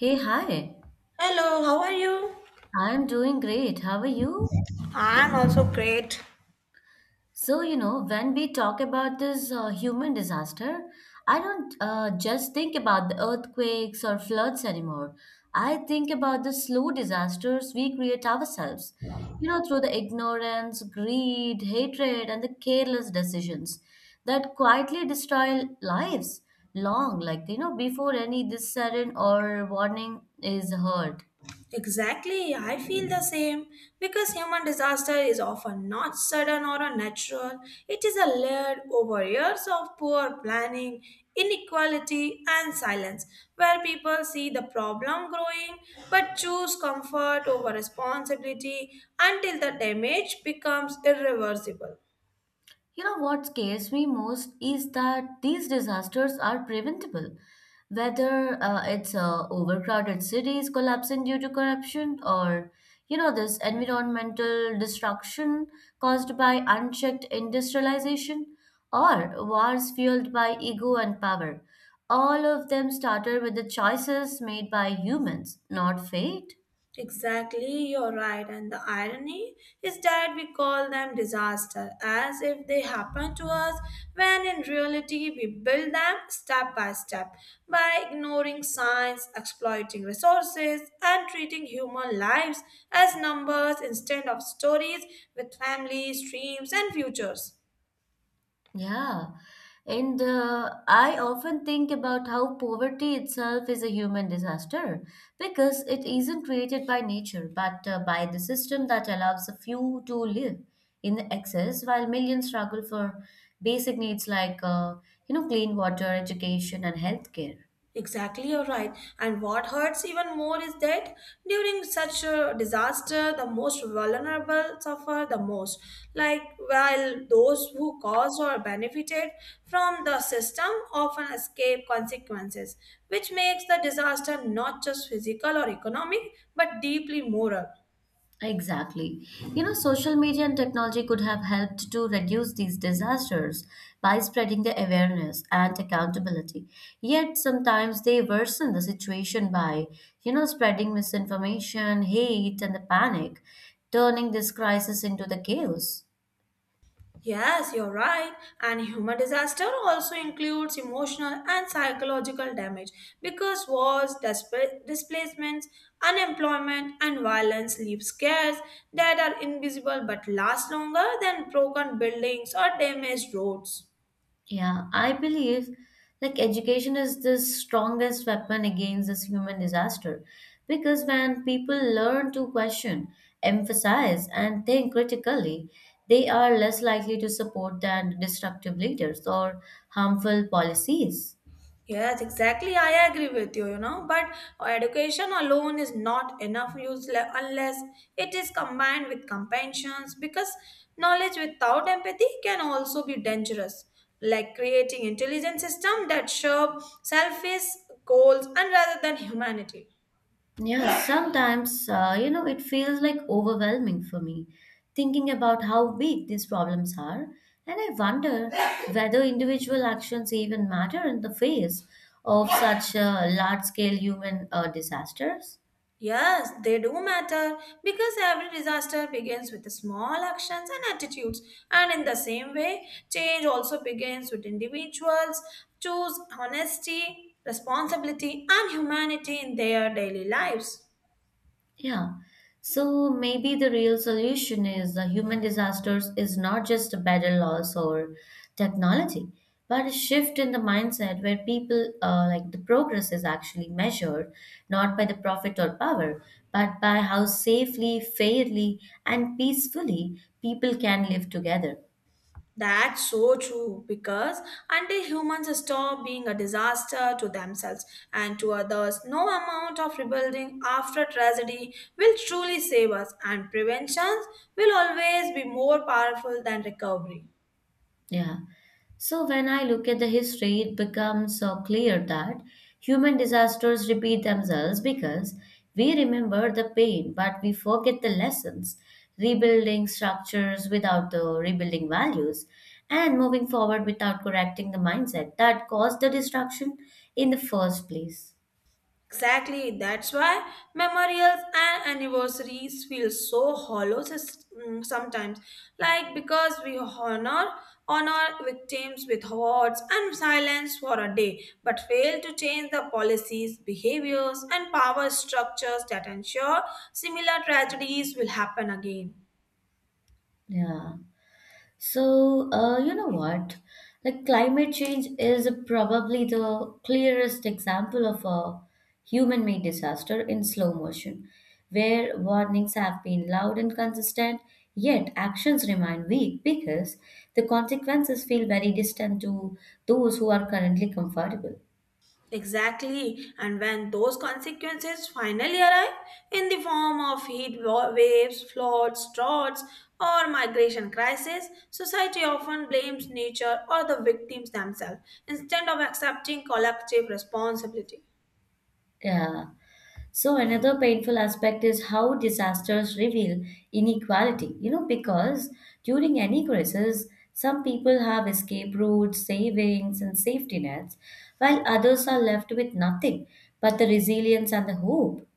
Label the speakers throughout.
Speaker 1: Hey, hi.
Speaker 2: Hello, how are you?
Speaker 1: I'm doing great. How are you?
Speaker 2: I'm also great.
Speaker 1: So, when we talk about this human disaster, I don't just think about the earthquakes or floods anymore. I think about the slow disasters we create ourselves, through the ignorance, greed, hatred, and the careless decisions that quietly destroy lives long, like, before any this sudden or warning is heard.
Speaker 2: Exactly, I feel the same. Because human disaster is often not sudden or unnatural, it is a layered over years of poor planning, inequality, and silence, where people see the problem growing but choose comfort over responsibility until the damage becomes irreversible.
Speaker 1: You know what scares me most is that these disasters are preventable. Whether it's overcrowded cities collapsing due to corruption or this environmental destruction caused by unchecked industrialization or wars fueled by ego and power. All of them started with the choices made by humans, not fate.
Speaker 2: Exactly, you're right. And the irony is that we call them disaster as if they happen to us when in reality we build them step by step by ignoring science, exploiting resources, and treating human lives as numbers instead of stories with families, dreams, and futures.
Speaker 1: Yeah. And I often think about how poverty itself is a human disaster because it isn't created by nature but by the system that allows a few to live in excess while millions struggle for basic needs like clean water, education, and healthcare.
Speaker 2: Exactly, you're right. And what hurts even more is that during such a disaster, the most vulnerable suffer the most. Like, while those who caused or benefited from the system often escape consequences, which makes the disaster not just physical or economic, but deeply moral.
Speaker 1: Exactly. Social media and technology could have helped to reduce these disasters by spreading the awareness and accountability. Yet sometimes they worsen the situation by, spreading misinformation, hate, and the panic, turning this crisis into the chaos.
Speaker 2: Yes, you're right. And human disaster also includes emotional and psychological damage because wars, displacements, unemployment, and violence leave scars that are invisible but last longer than broken buildings or damaged roads.
Speaker 1: Yeah, I believe like education is the strongest weapon against this human disaster because when people learn to question, emphasize, and think critically, they are less likely to support than destructive leaders or harmful policies.
Speaker 2: Yes, exactly. I agree with you, you know, but education alone is not enough unless it is combined with compassions because knowledge without empathy can also be dangerous, like creating intelligent system that serve selfish goals and rather than humanity.
Speaker 1: Yeah, sometimes, it feels like overwhelming for me thinking about how big these problems are. And I wonder whether individual actions even matter in the face of such large scale human disasters.
Speaker 2: Yes, they do matter because every disaster begins with small actions and attitudes. And in the same way, change also begins with individuals choose honesty, responsibility, and humanity in their daily lives.
Speaker 1: Yeah. So maybe the real solution is the human disasters is not just a battle loss or technology, but a shift in the mindset where people like the progress is actually measured not by the profit or power, but by how safely, fairly, and peacefully people can live together.
Speaker 2: That's so true because until humans stop being a disaster to themselves and to others, no amount of rebuilding after tragedy will truly save us, and prevention will always be more powerful than recovery.
Speaker 1: Yeah. So when I look at the history, it becomes so clear that human disasters repeat themselves because we remember the pain, but we forget the lessons, rebuilding structures without the rebuilding values, and moving forward without correcting the mindset that caused the destruction in the first place.
Speaker 2: Exactly, that's why memorials and anniversaries feel so hollow sometimes, like because we honor victims with words and silence for a day, but fail to change the policies, behaviors, and power structures that ensure similar tragedies will happen again.
Speaker 1: Yeah. So, you know what? Like climate change is probably the clearest example of a human-made disaster in slow motion, where warnings have been loud and consistent, yet actions remain weak because the consequences feel very distant to those who are currently comfortable.
Speaker 2: Exactly, and when those consequences finally arrive in the form of heat waves, floods, droughts, or migration crises, society often blames nature or the victims themselves instead of accepting collective responsibility.
Speaker 1: Yeah. So another painful aspect is how disasters reveal inequality, because during any crisis, some people have escape routes, savings, and safety nets, while others are left with nothing but the resilience and the hope.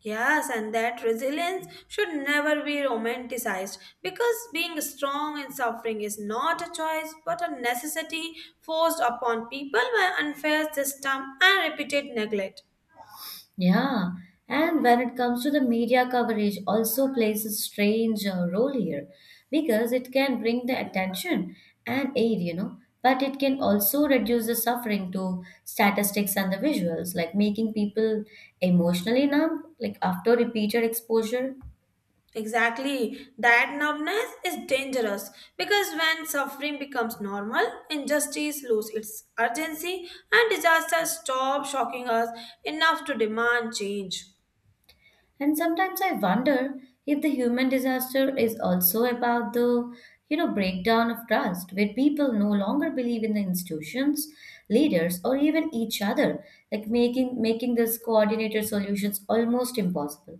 Speaker 2: Yes, and that resilience should never be romanticized because being strong in suffering is not a choice but a necessity forced upon people by unfair system and repeated neglect.
Speaker 1: Yeah, and when it comes to the media coverage, also plays a strange role here because it can bring the attention and aid, but it can also reduce the suffering to statistics and the visuals, like making people emotionally numb, like after repeated exposure.
Speaker 2: Exactly. That numbness is dangerous because when suffering becomes normal, injustice loses its urgency and disasters stop shocking us enough to demand change.
Speaker 1: And sometimes I wonder if the human disaster is also about the breakdown of trust where people no longer believe in the institutions, leaders or even each other, like making this coordinated solutions almost impossible.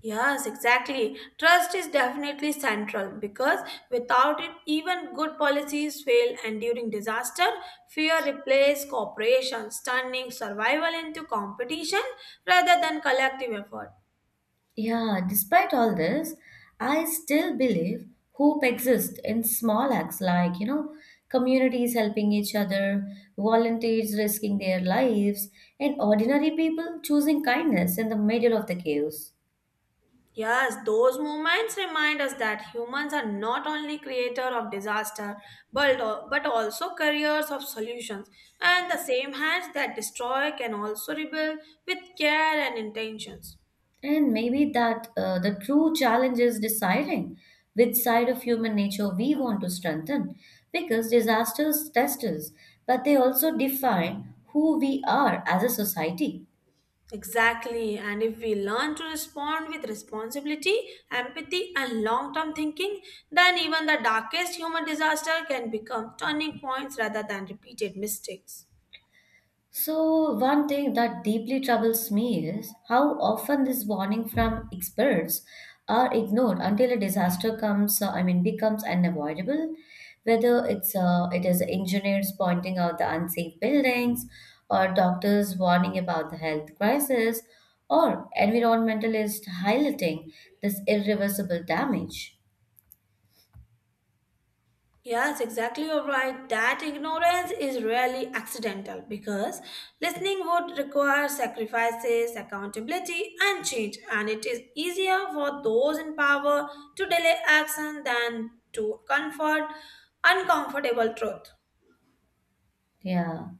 Speaker 2: Yes, exactly. Trust is definitely central because without it, even good policies fail, and during disaster, fear replaces cooperation, turning survival into competition rather than collective effort.
Speaker 1: Yeah, despite all this, I still believe hope exists in small acts like, communities helping each other, volunteers risking their lives, and ordinary people choosing kindness in the middle of the chaos.
Speaker 2: Yes, those moments remind us that humans are not only creator of disaster, but, but also carriers of solutions. And the same hands that destroy can also rebuild with care and intentions.
Speaker 1: And maybe that the true challenge is deciding which side of human nature we want to strengthen, because disasters test us, but they also define who we are as a society.
Speaker 2: Exactly, and if we learn to respond with responsibility, empathy, and long term thinking, then even the darkest human disaster can become turning points rather than repeated mistakes.
Speaker 1: So, one thing that deeply troubles me is how often this warning from experts are ignored until a disaster comes, I mean, becomes unavoidable. Whether it is engineers pointing out the unsafe buildings, or doctors warning about the health crisis, or environmentalists highlighting this irreversible damage.
Speaker 2: Yes, exactly. You're right. That ignorance is rarely accidental because listening would require sacrifices, accountability, and change, and it is easier for those in power to delay action than to comfort uncomfortable truth.
Speaker 1: Yeah,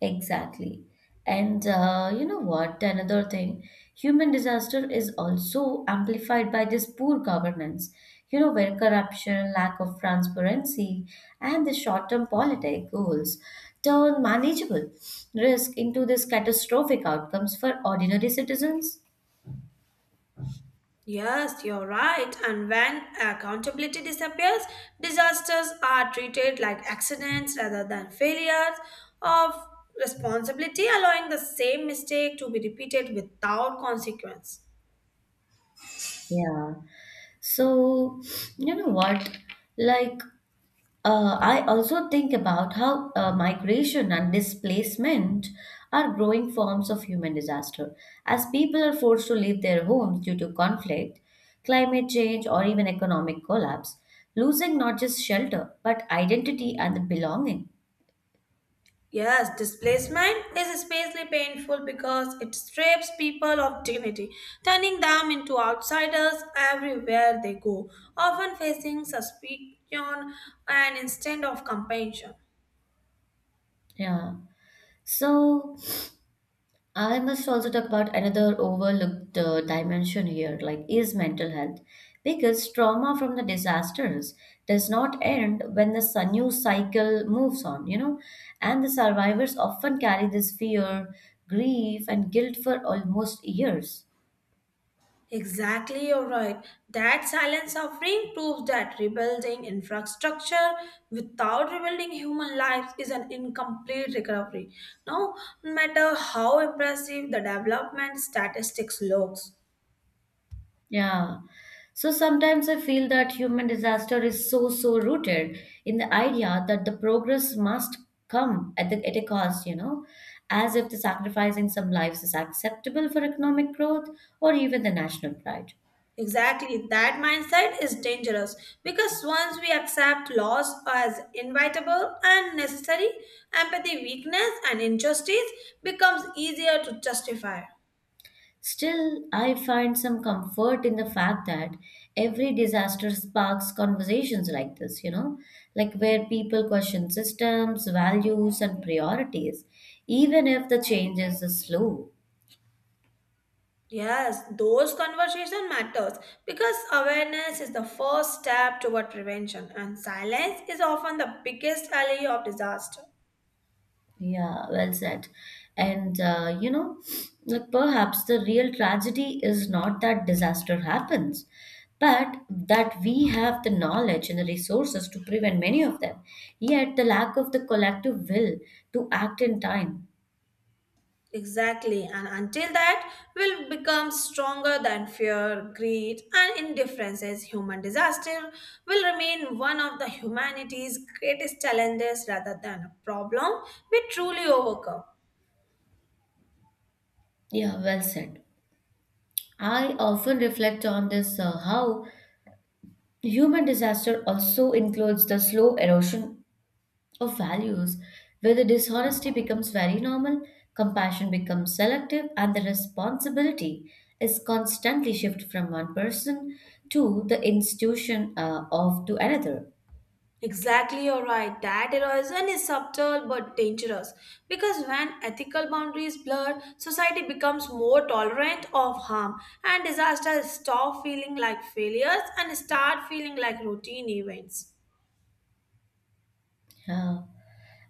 Speaker 1: exactly. And you know what? Another thing, human disaster is also amplified by this poor governance, where corruption, lack of transparency, and the short-term politic goals turn manageable risk into this catastrophic outcomes for ordinary citizens.
Speaker 2: Yes, you're right. And when accountability disappears, disasters are treated like accidents rather than failures of responsibility, allowing the same mistake to be repeated without consequence.
Speaker 1: Yeah. So, you know what? Like, I also think about how migration and displacement are growing forms of human disaster. As people are forced to leave their homes due to conflict, climate change, or even economic collapse, losing not just shelter, but identity and belonging.
Speaker 2: Yes, displacement is especially painful because it strips people of dignity, turning them into outsiders everywhere they go, often facing suspicion and instead of compassion.
Speaker 1: Yeah. So, I must also talk about another overlooked dimension here, like is mental health, because trauma from the disasters does not end when the news cycle moves on, and the survivors often carry this fear, grief, and guilt for almost years.
Speaker 2: Exactly, you're right. That silence offering proves that rebuilding infrastructure without rebuilding human lives is an incomplete recovery, no matter how impressive the development statistics looks.
Speaker 1: Yeah. So sometimes I feel that human disaster is so, so rooted in the idea that the progress must come at the at a cost, as if the sacrificing some lives is acceptable for economic growth or even the national pride.
Speaker 2: Exactly, that mindset is dangerous because once we accept loss as inevitable and necessary, empathy, weakness, and injustice becomes easier to justify.
Speaker 1: Still, I find some comfort in the fact that every disaster sparks conversations like this, like where people question systems, values, and priorities, even if the changes is slow.
Speaker 2: Yes, those conversation matters because awareness is the first step toward prevention and silence is often the biggest ally of disaster.
Speaker 1: Yeah, well said. And like perhaps the real tragedy is not that disaster happens, but that we have the knowledge and the resources to prevent many of them. Yet the lack of the collective will to act in time.
Speaker 2: Exactly, and until that will become stronger than fear, greed, and indifferences, human disaster will remain one of the humanity's greatest challenges rather than a problem we truly overcome.
Speaker 1: Yeah, well said. I often reflect on this how human disaster also includes the slow erosion of values where the dishonesty becomes very normal, compassion becomes selective, and the responsibility is constantly shifted from one person to the institution of to another.
Speaker 2: Exactly, you're right. That erosion is subtle but dangerous because when ethical boundaries blur, society becomes more tolerant of harm and disasters stop feeling like failures and start feeling like routine events.
Speaker 1: Uh,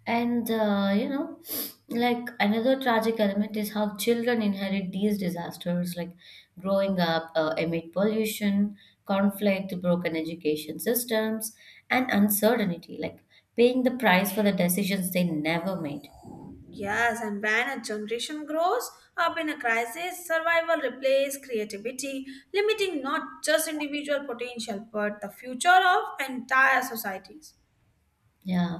Speaker 1: and like another tragic element is how children inherit these disasters, like growing up amid pollution, conflict, broken education systems, and uncertainty, like paying the price for the decisions they never made.
Speaker 2: Yes, and when a generation grows up in a crisis, survival replaces creativity, limiting not just individual potential but the future of entire societies.
Speaker 1: Yeah.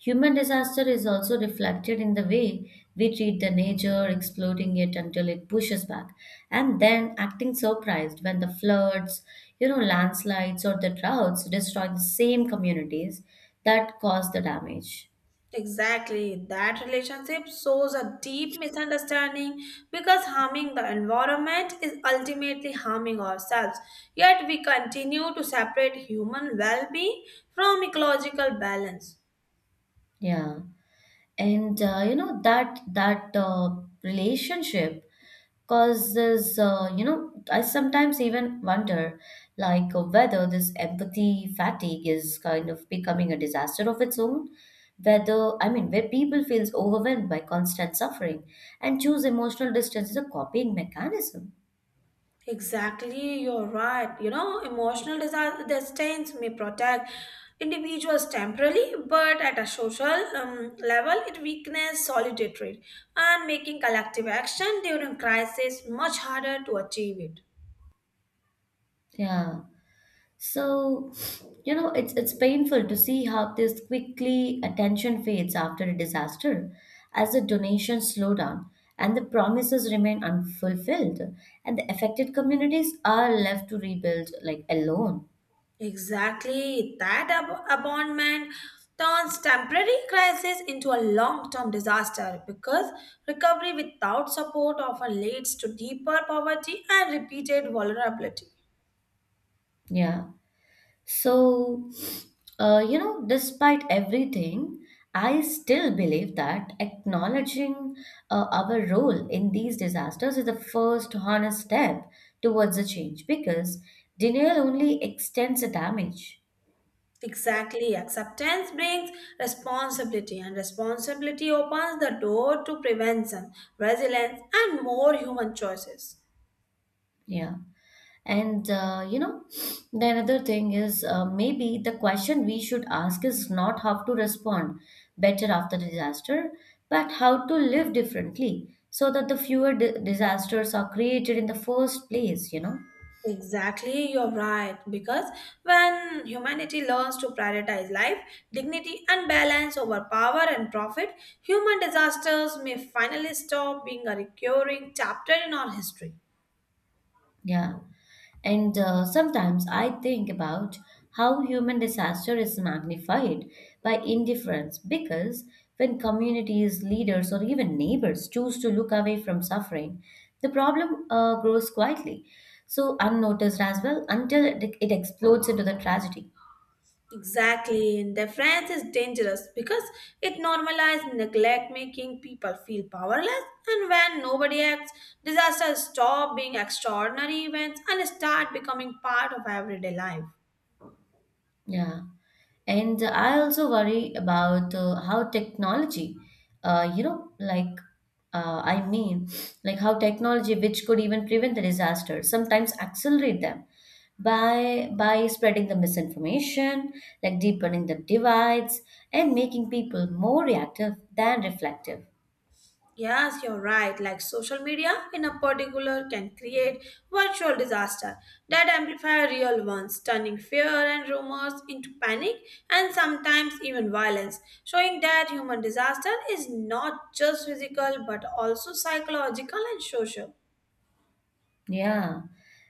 Speaker 1: Human disaster is also reflected in the way we treat the nature, exploiting it until it pushes back, and then acting surprised when the floods, landslides or the droughts destroy the same communities that caused the damage.
Speaker 2: Exactly. That relationship shows a deep misunderstanding because harming the environment is ultimately harming ourselves. Yet we continue to separate human well being from ecological balance.
Speaker 1: Yeah. And you know that relationship. Cause I sometimes even wonder, like, whether this empathy fatigue is kind of becoming a disaster of its own. Whether, I mean, where people feels overwhelmed by constant suffering and choose emotional distance as a coping mechanism.
Speaker 2: Exactly, you're right. You know, emotional distance may protect individuals temporarily, but at a social level, it weakens solidarity and making collective action during crisis much harder to achieve it.
Speaker 1: Yeah. So, it's painful to see how this quickly attention fades after a disaster, as the donations slow down and the promises remain unfulfilled, and the affected communities are left to rebuild like alone.
Speaker 2: Exactly. That abandonment turns temporary crisis into a long term disaster because recovery without support often leads to deeper poverty and repeated vulnerability.
Speaker 1: Yeah. So, despite everything, I still believe that acknowledging our role in these disasters is the first honest step towards the change because denial only extends the damage.
Speaker 2: Exactly. Acceptance brings responsibility, and responsibility opens the door to prevention, resilience, and more human choices.
Speaker 1: Yeah. And the another thing is maybe the question we should ask is not how to respond better after disaster, but how to live differently so that the fewer disasters are created in the first place, you know?
Speaker 2: Exactly, you're right. Because when humanity learns to prioritize life, dignity, and balance over power and profit, human disasters may finally stop being a recurring chapter in our history.
Speaker 1: Yeah. And sometimes I think about how human disaster is magnified by indifference because when communities, leaders, or even neighbors choose to look away from suffering, the problem grows quietly, so unnoticed as well until it explodes into the tragedy.
Speaker 2: Exactly, indifference is dangerous because it normalizes neglect, making people feel powerless. And when nobody acts, disasters stop being extraordinary events and start becoming part of everyday life.
Speaker 1: Yeah. And I also worry about how technology, like, I mean, like how technology, which could even prevent the disaster, sometimes accelerate them by spreading the misinformation, like deepening the divides, and making people more reactive than reflective.
Speaker 2: Yes, you're right. Like social media in a particular can create virtual disaster that amplify real ones, turning fear and rumors into panic and sometimes even violence, showing that human disaster is not just physical but also psychological and social.
Speaker 1: Yeah,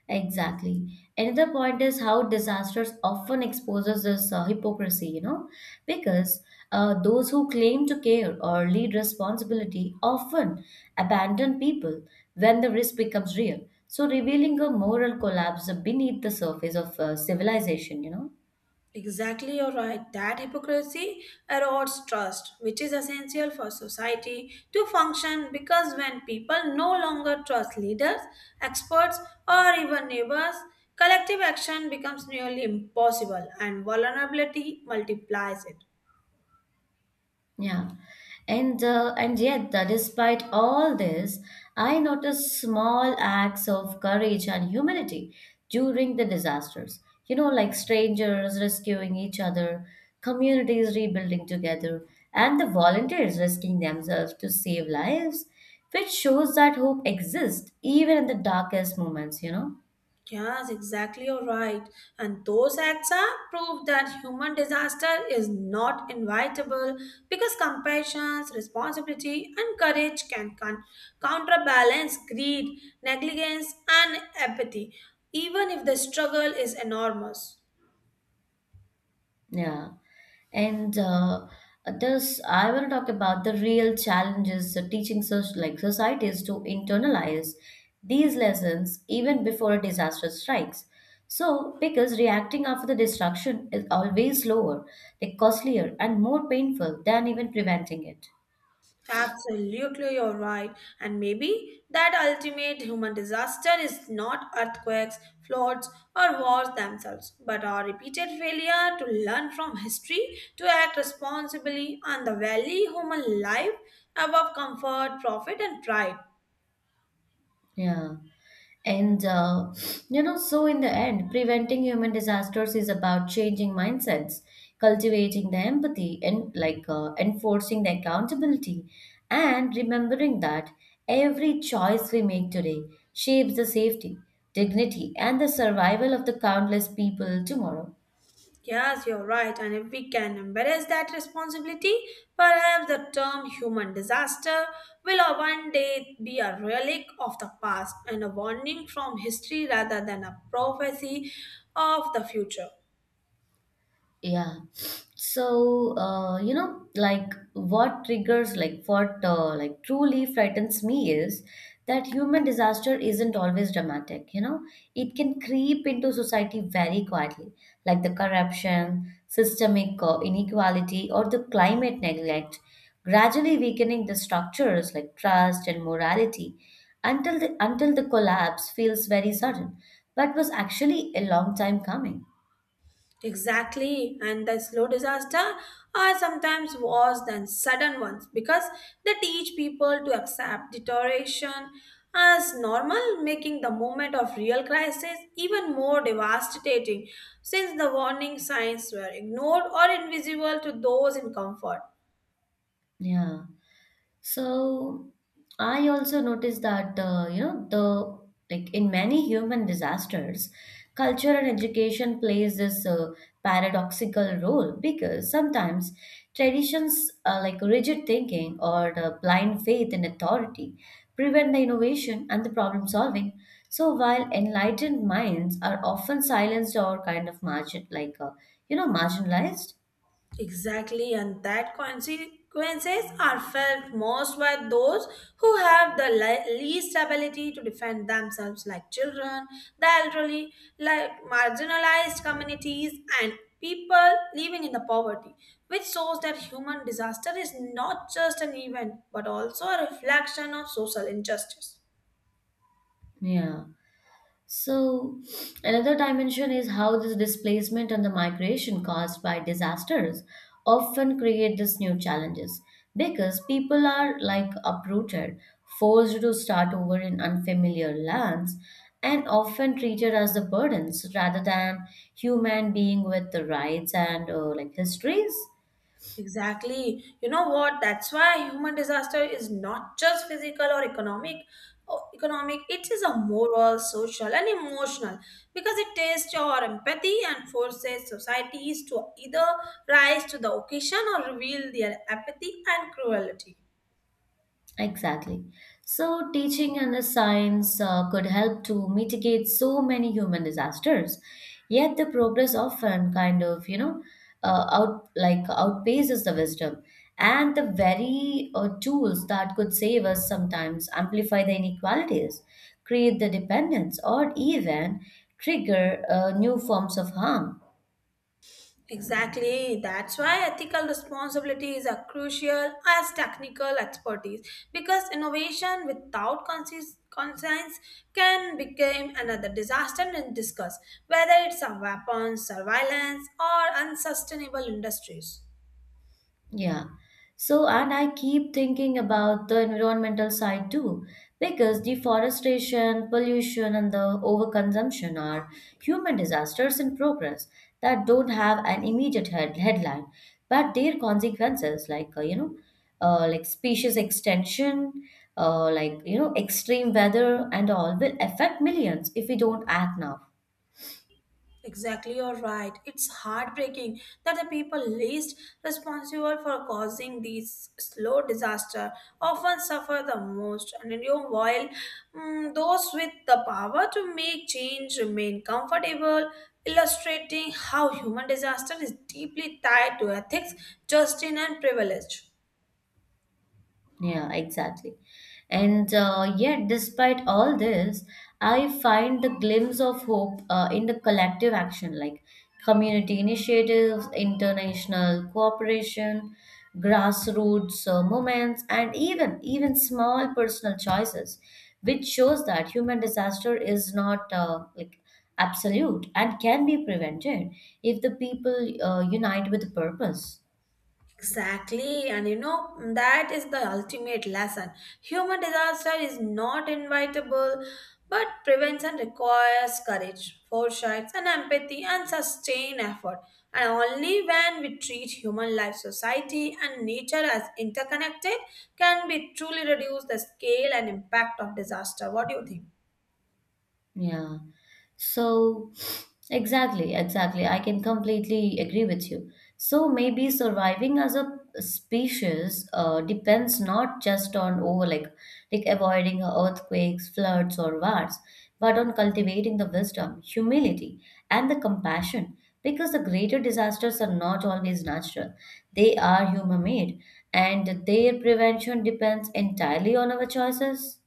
Speaker 1: exactly. Another point is how disasters often exposes this hypocrisy, because those who claim to care or lead responsibility often abandon people when the risk becomes real. So revealing a moral collapse beneath the surface of civilization.
Speaker 2: Exactly, you're right. That hypocrisy erodes trust, which is essential for society to function because when people no longer trust leaders, experts, or even neighbors, collective action becomes nearly impossible and vulnerability multiplies it.
Speaker 1: Yeah. And yet, despite all this, I noticed small acts of courage and humility during the disasters. Like strangers rescuing each other, communities rebuilding together, and the volunteers risking themselves to save lives, which shows that hope exists even in the darkest moments.
Speaker 2: Yes, exactly. You're right. And those acts are proof that human disaster is not invitable because compassion, responsibility, and courage can counterbalance greed, negligence, and apathy, even if the struggle is enormous.
Speaker 1: Yeah. And I want to talk about the real challenges that teaching such like societies to internalize these lessons even before a disaster strikes. So, because reacting after the destruction is always slower, like costlier, and more painful than even preventing it.
Speaker 2: Absolutely, you're right. And maybe that ultimate human disaster is not earthquakes, floods, or wars themselves, but our repeated failure to learn from history, to act responsibly, and the value human life above comfort, profit, and pride.
Speaker 1: Yeah. And, so in the end, preventing human disasters is about changing mindsets, cultivating the empathy, and like enforcing the accountability, and remembering that every choice we make today shapes the safety, dignity, and the survival of the countless people tomorrow.
Speaker 2: Yes, you're right. And if we can embrace that responsibility, perhaps the term human disaster will one day be a relic of the past and a warning from history rather than a prophecy of the future.
Speaker 1: Yeah. So, like what triggers, like what like truly frightens me is that human disaster isn't always dramatic. It can creep into society very quietly, like the corruption, systemic inequality, or the climate neglect, gradually weakening the structures like trust and morality until the collapse feels very sudden, but was actually a long time coming.
Speaker 2: Exactly, and the slow disaster are sometimes worse than sudden ones because they teach people to accept deterioration as normal, making the moment of real crisis even more devastating since the warning signs were ignored or invisible to those in comfort.
Speaker 1: Yeah. So I also noticed that you know the like in many human disasters, culture and education plays this paradoxical role, because sometimes traditions like rigid thinking or the blind faith in authority prevent the innovation and the problem solving. So while enlightened minds are often silenced or marginalized.
Speaker 2: Exactly, and that consequences are felt most by those who have the least ability to defend themselves, like children, the elderly, like marginalized communities, and people living in the poverty, which shows that human disaster is not just an event but also a reflection of social injustice.
Speaker 1: Yeah. So, another dimension is how this displacement and the migration caused by disasters often create these new challenges because people are like uprooted, forced to start over in unfamiliar lands, and often treated as the burdens rather than human being with the rights and like histories.
Speaker 2: Exactly. You know what? That's why human disaster is not just physical or economic, or economic, it is a moral, social, and emotional because it tests your empathy and forces societies to either rise to the occasion or reveal their apathy and cruelty.
Speaker 1: Exactly. So, teaching and the science could help to mitigate so many human disasters. Yet, the progress often outpaces the wisdom, and the very tools that could save us sometimes amplify the inequalities, create the dependence, or even trigger new forms of harm.
Speaker 2: Exactly. That's why ethical responsibility is as crucial as technical expertise because innovation without conscience can become another disaster in discuss, whether it's a weapons, surveillance, or unsustainable industries.
Speaker 1: Yeah. So, and I keep thinking about the environmental side too, because deforestation, pollution, and the overconsumption are human disasters in progress that don't have an immediate headline, but their consequences, like, like species extinction, extreme weather and all, will affect millions if we don't act now.
Speaker 2: Exactly, you're right. It's heartbreaking that the people least responsible for causing these slow disaster often suffer the most. And in your while those with the power to make change remain comfortable, illustrating how human disaster is deeply tied to ethics, justice, and privilege.
Speaker 1: Yeah, exactly. And yet, despite all this, I find the glimpse of hope in the collective action, like community initiatives, international cooperation, grassroots movements, and even small personal choices, which shows that human disaster is not like absolute and can be prevented if the people unite with purpose.
Speaker 2: Exactly, and you know that is the ultimate lesson. Human disaster is not invitable, but prevention requires courage, foresight, and empathy, and sustained effort. And only when we treat human life, society, and nature as interconnected can we truly reduce the scale and impact of disaster. What do you think?
Speaker 1: Yeah. So, exactly, exactly. I can completely agree with you. So, maybe surviving as a species depends not just on over like avoiding earthquakes, floods, or wars, but on cultivating the wisdom, humility, and the compassion. Because the greater disasters are not always natural; they are human-made, and their prevention depends entirely on our choices.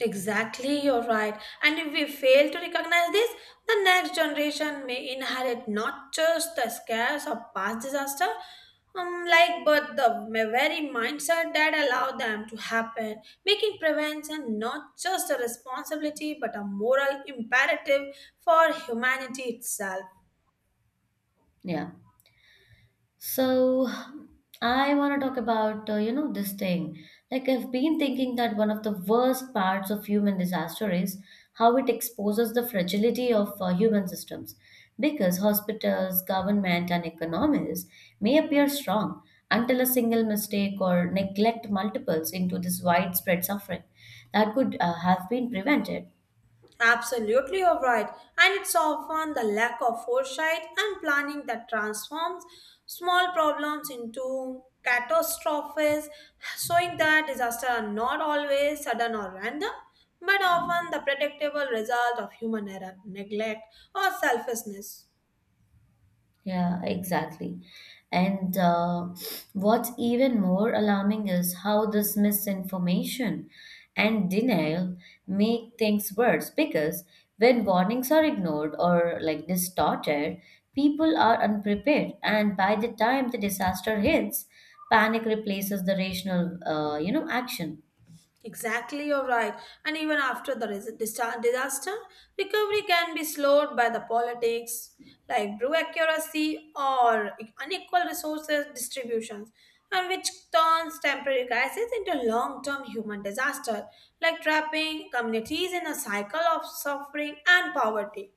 Speaker 2: Exactly, you're right. And if we fail to recognize this, the next generation may inherit not just the scares of past disaster, but the very mindset that allowed them to happen, making prevention not just a responsibility but a moral imperative for humanity itself.
Speaker 1: Yeah. So I want to talk about this thing. Like I've been thinking that one of the worst parts of human disaster is how it exposes the fragility of human systems. Because hospitals, government, and economies may appear strong until a single mistake or neglect multiples into this widespread suffering that could have been prevented.
Speaker 2: Absolutely, you're right. And it's often the lack of foresight and planning that transforms small problems into catastrophes, showing that disasters are not always sudden or random, but often the predictable result of human error, neglect, or selfishness.
Speaker 1: Yeah, exactly. And what's even more alarming is how this misinformation and denial make things worse, because when warnings are ignored or like distorted, people are unprepared, and by the time the disaster hits, panic replaces the rational, action.
Speaker 2: Exactly, you're right. And even after the disaster, recovery can be slowed by the politics, like brew accuracy or unequal resources distributions, and which turns temporary crisis into long-term human disaster, like trapping communities in a cycle of suffering and poverty.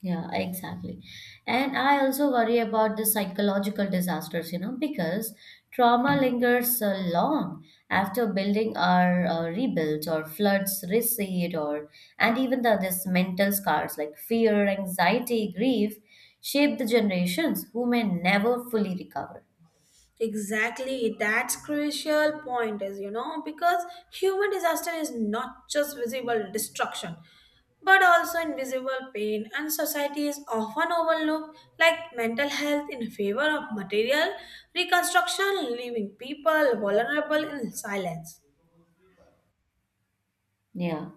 Speaker 1: Yeah, exactly. And I also worry about the psychological disasters, you know, because trauma lingers long after building are rebuilt or floods recede or and even the this mental scars like fear, anxiety, grief shape the generations who may never fully recover.
Speaker 2: Exactly, that's crucial point is you know because human disaster is not just visible destruction but also invisible pain and society is often overlooked like mental health in favor of material reconstruction leaving people vulnerable in silence.
Speaker 1: Yeah.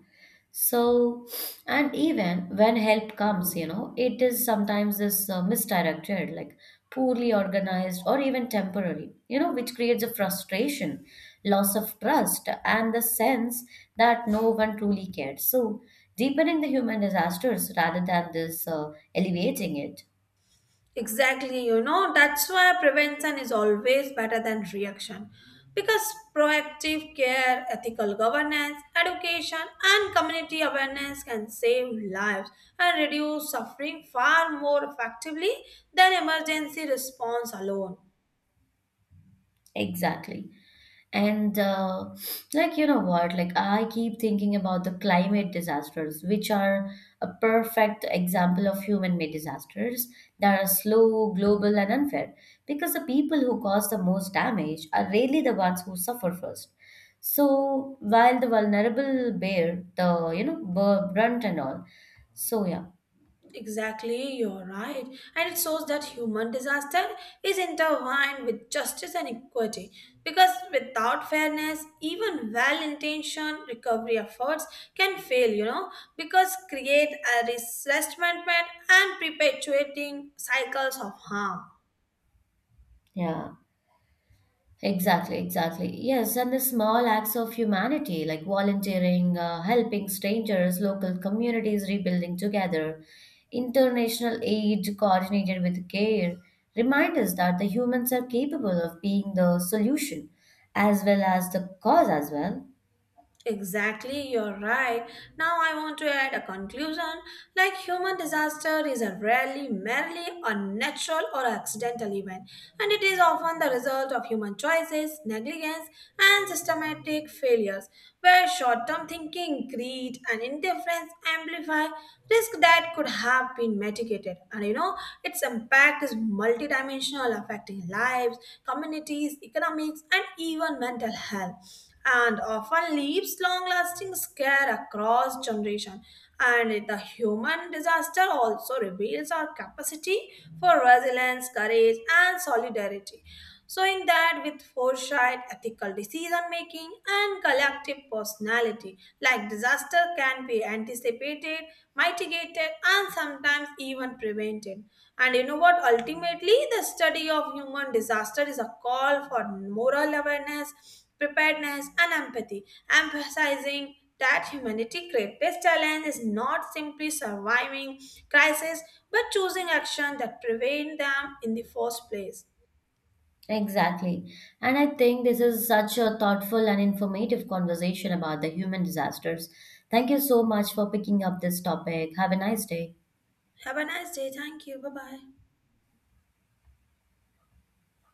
Speaker 1: So, and even when help comes, you know, it is sometimes this misdirected, like poorly organized or even temporary, you know, which creates a frustration, loss of trust, and the sense that no one truly cared. So, deepening the human disasters rather than this alleviating it.
Speaker 2: Exactly, you know, that's why prevention is always better than reaction. Because proactive care, ethical governance, education, and community awareness can save lives and reduce suffering far more effectively than emergency response alone.
Speaker 1: Exactly. And like you know what, like I keep thinking about the climate disasters, which are a perfect example of human-made disasters that are slow, global, and unfair, because the people who cause the most damage are really the ones who suffer first. So while the vulnerable bear the brunt and all. So yeah,
Speaker 2: Exactly, you're right. And it shows that human disaster is intertwined with justice and equity because without fairness, even well intentioned recovery efforts can fail, you know, because create a resentment and perpetuating cycles of harm.
Speaker 1: yeah. Exactly, exactly. Yes, and the small acts of humanity like volunteering, helping strangers, local communities rebuilding together, international aid coordinated with care remind us that the humans are capable of being the solution as well as the cause as well.
Speaker 2: Exactly, you're right. Now I want to add a conclusion. Like human disaster is a rarely merely unnatural or accidental event, and it is often the result of human choices, negligence, and systematic failures, where short-term thinking, greed, and indifference amplify risk that could have been mitigated. And you know, its impact is multidimensional, affecting lives, communities, economics, and even mental health and often leaves long-lasting scare across generation. And the human disaster also reveals our capacity for resilience, courage, and solidarity. Showing that, with foresight, ethical decision making, and collective personality, like disaster can be anticipated, mitigated, and sometimes even prevented. And you know what? Ultimately, the study of human disaster is a call for moral awareness preparedness, and empathy, emphasizing that humanity's greatest challenge is not simply surviving crises but choosing action that prevent them in the first place.
Speaker 1: Exactly. And I think this is such a thoughtful and informative conversation about the human disasters. Thank you so much for picking up this topic. Have a nice day.
Speaker 2: Have a nice day. Thank you. Bye bye.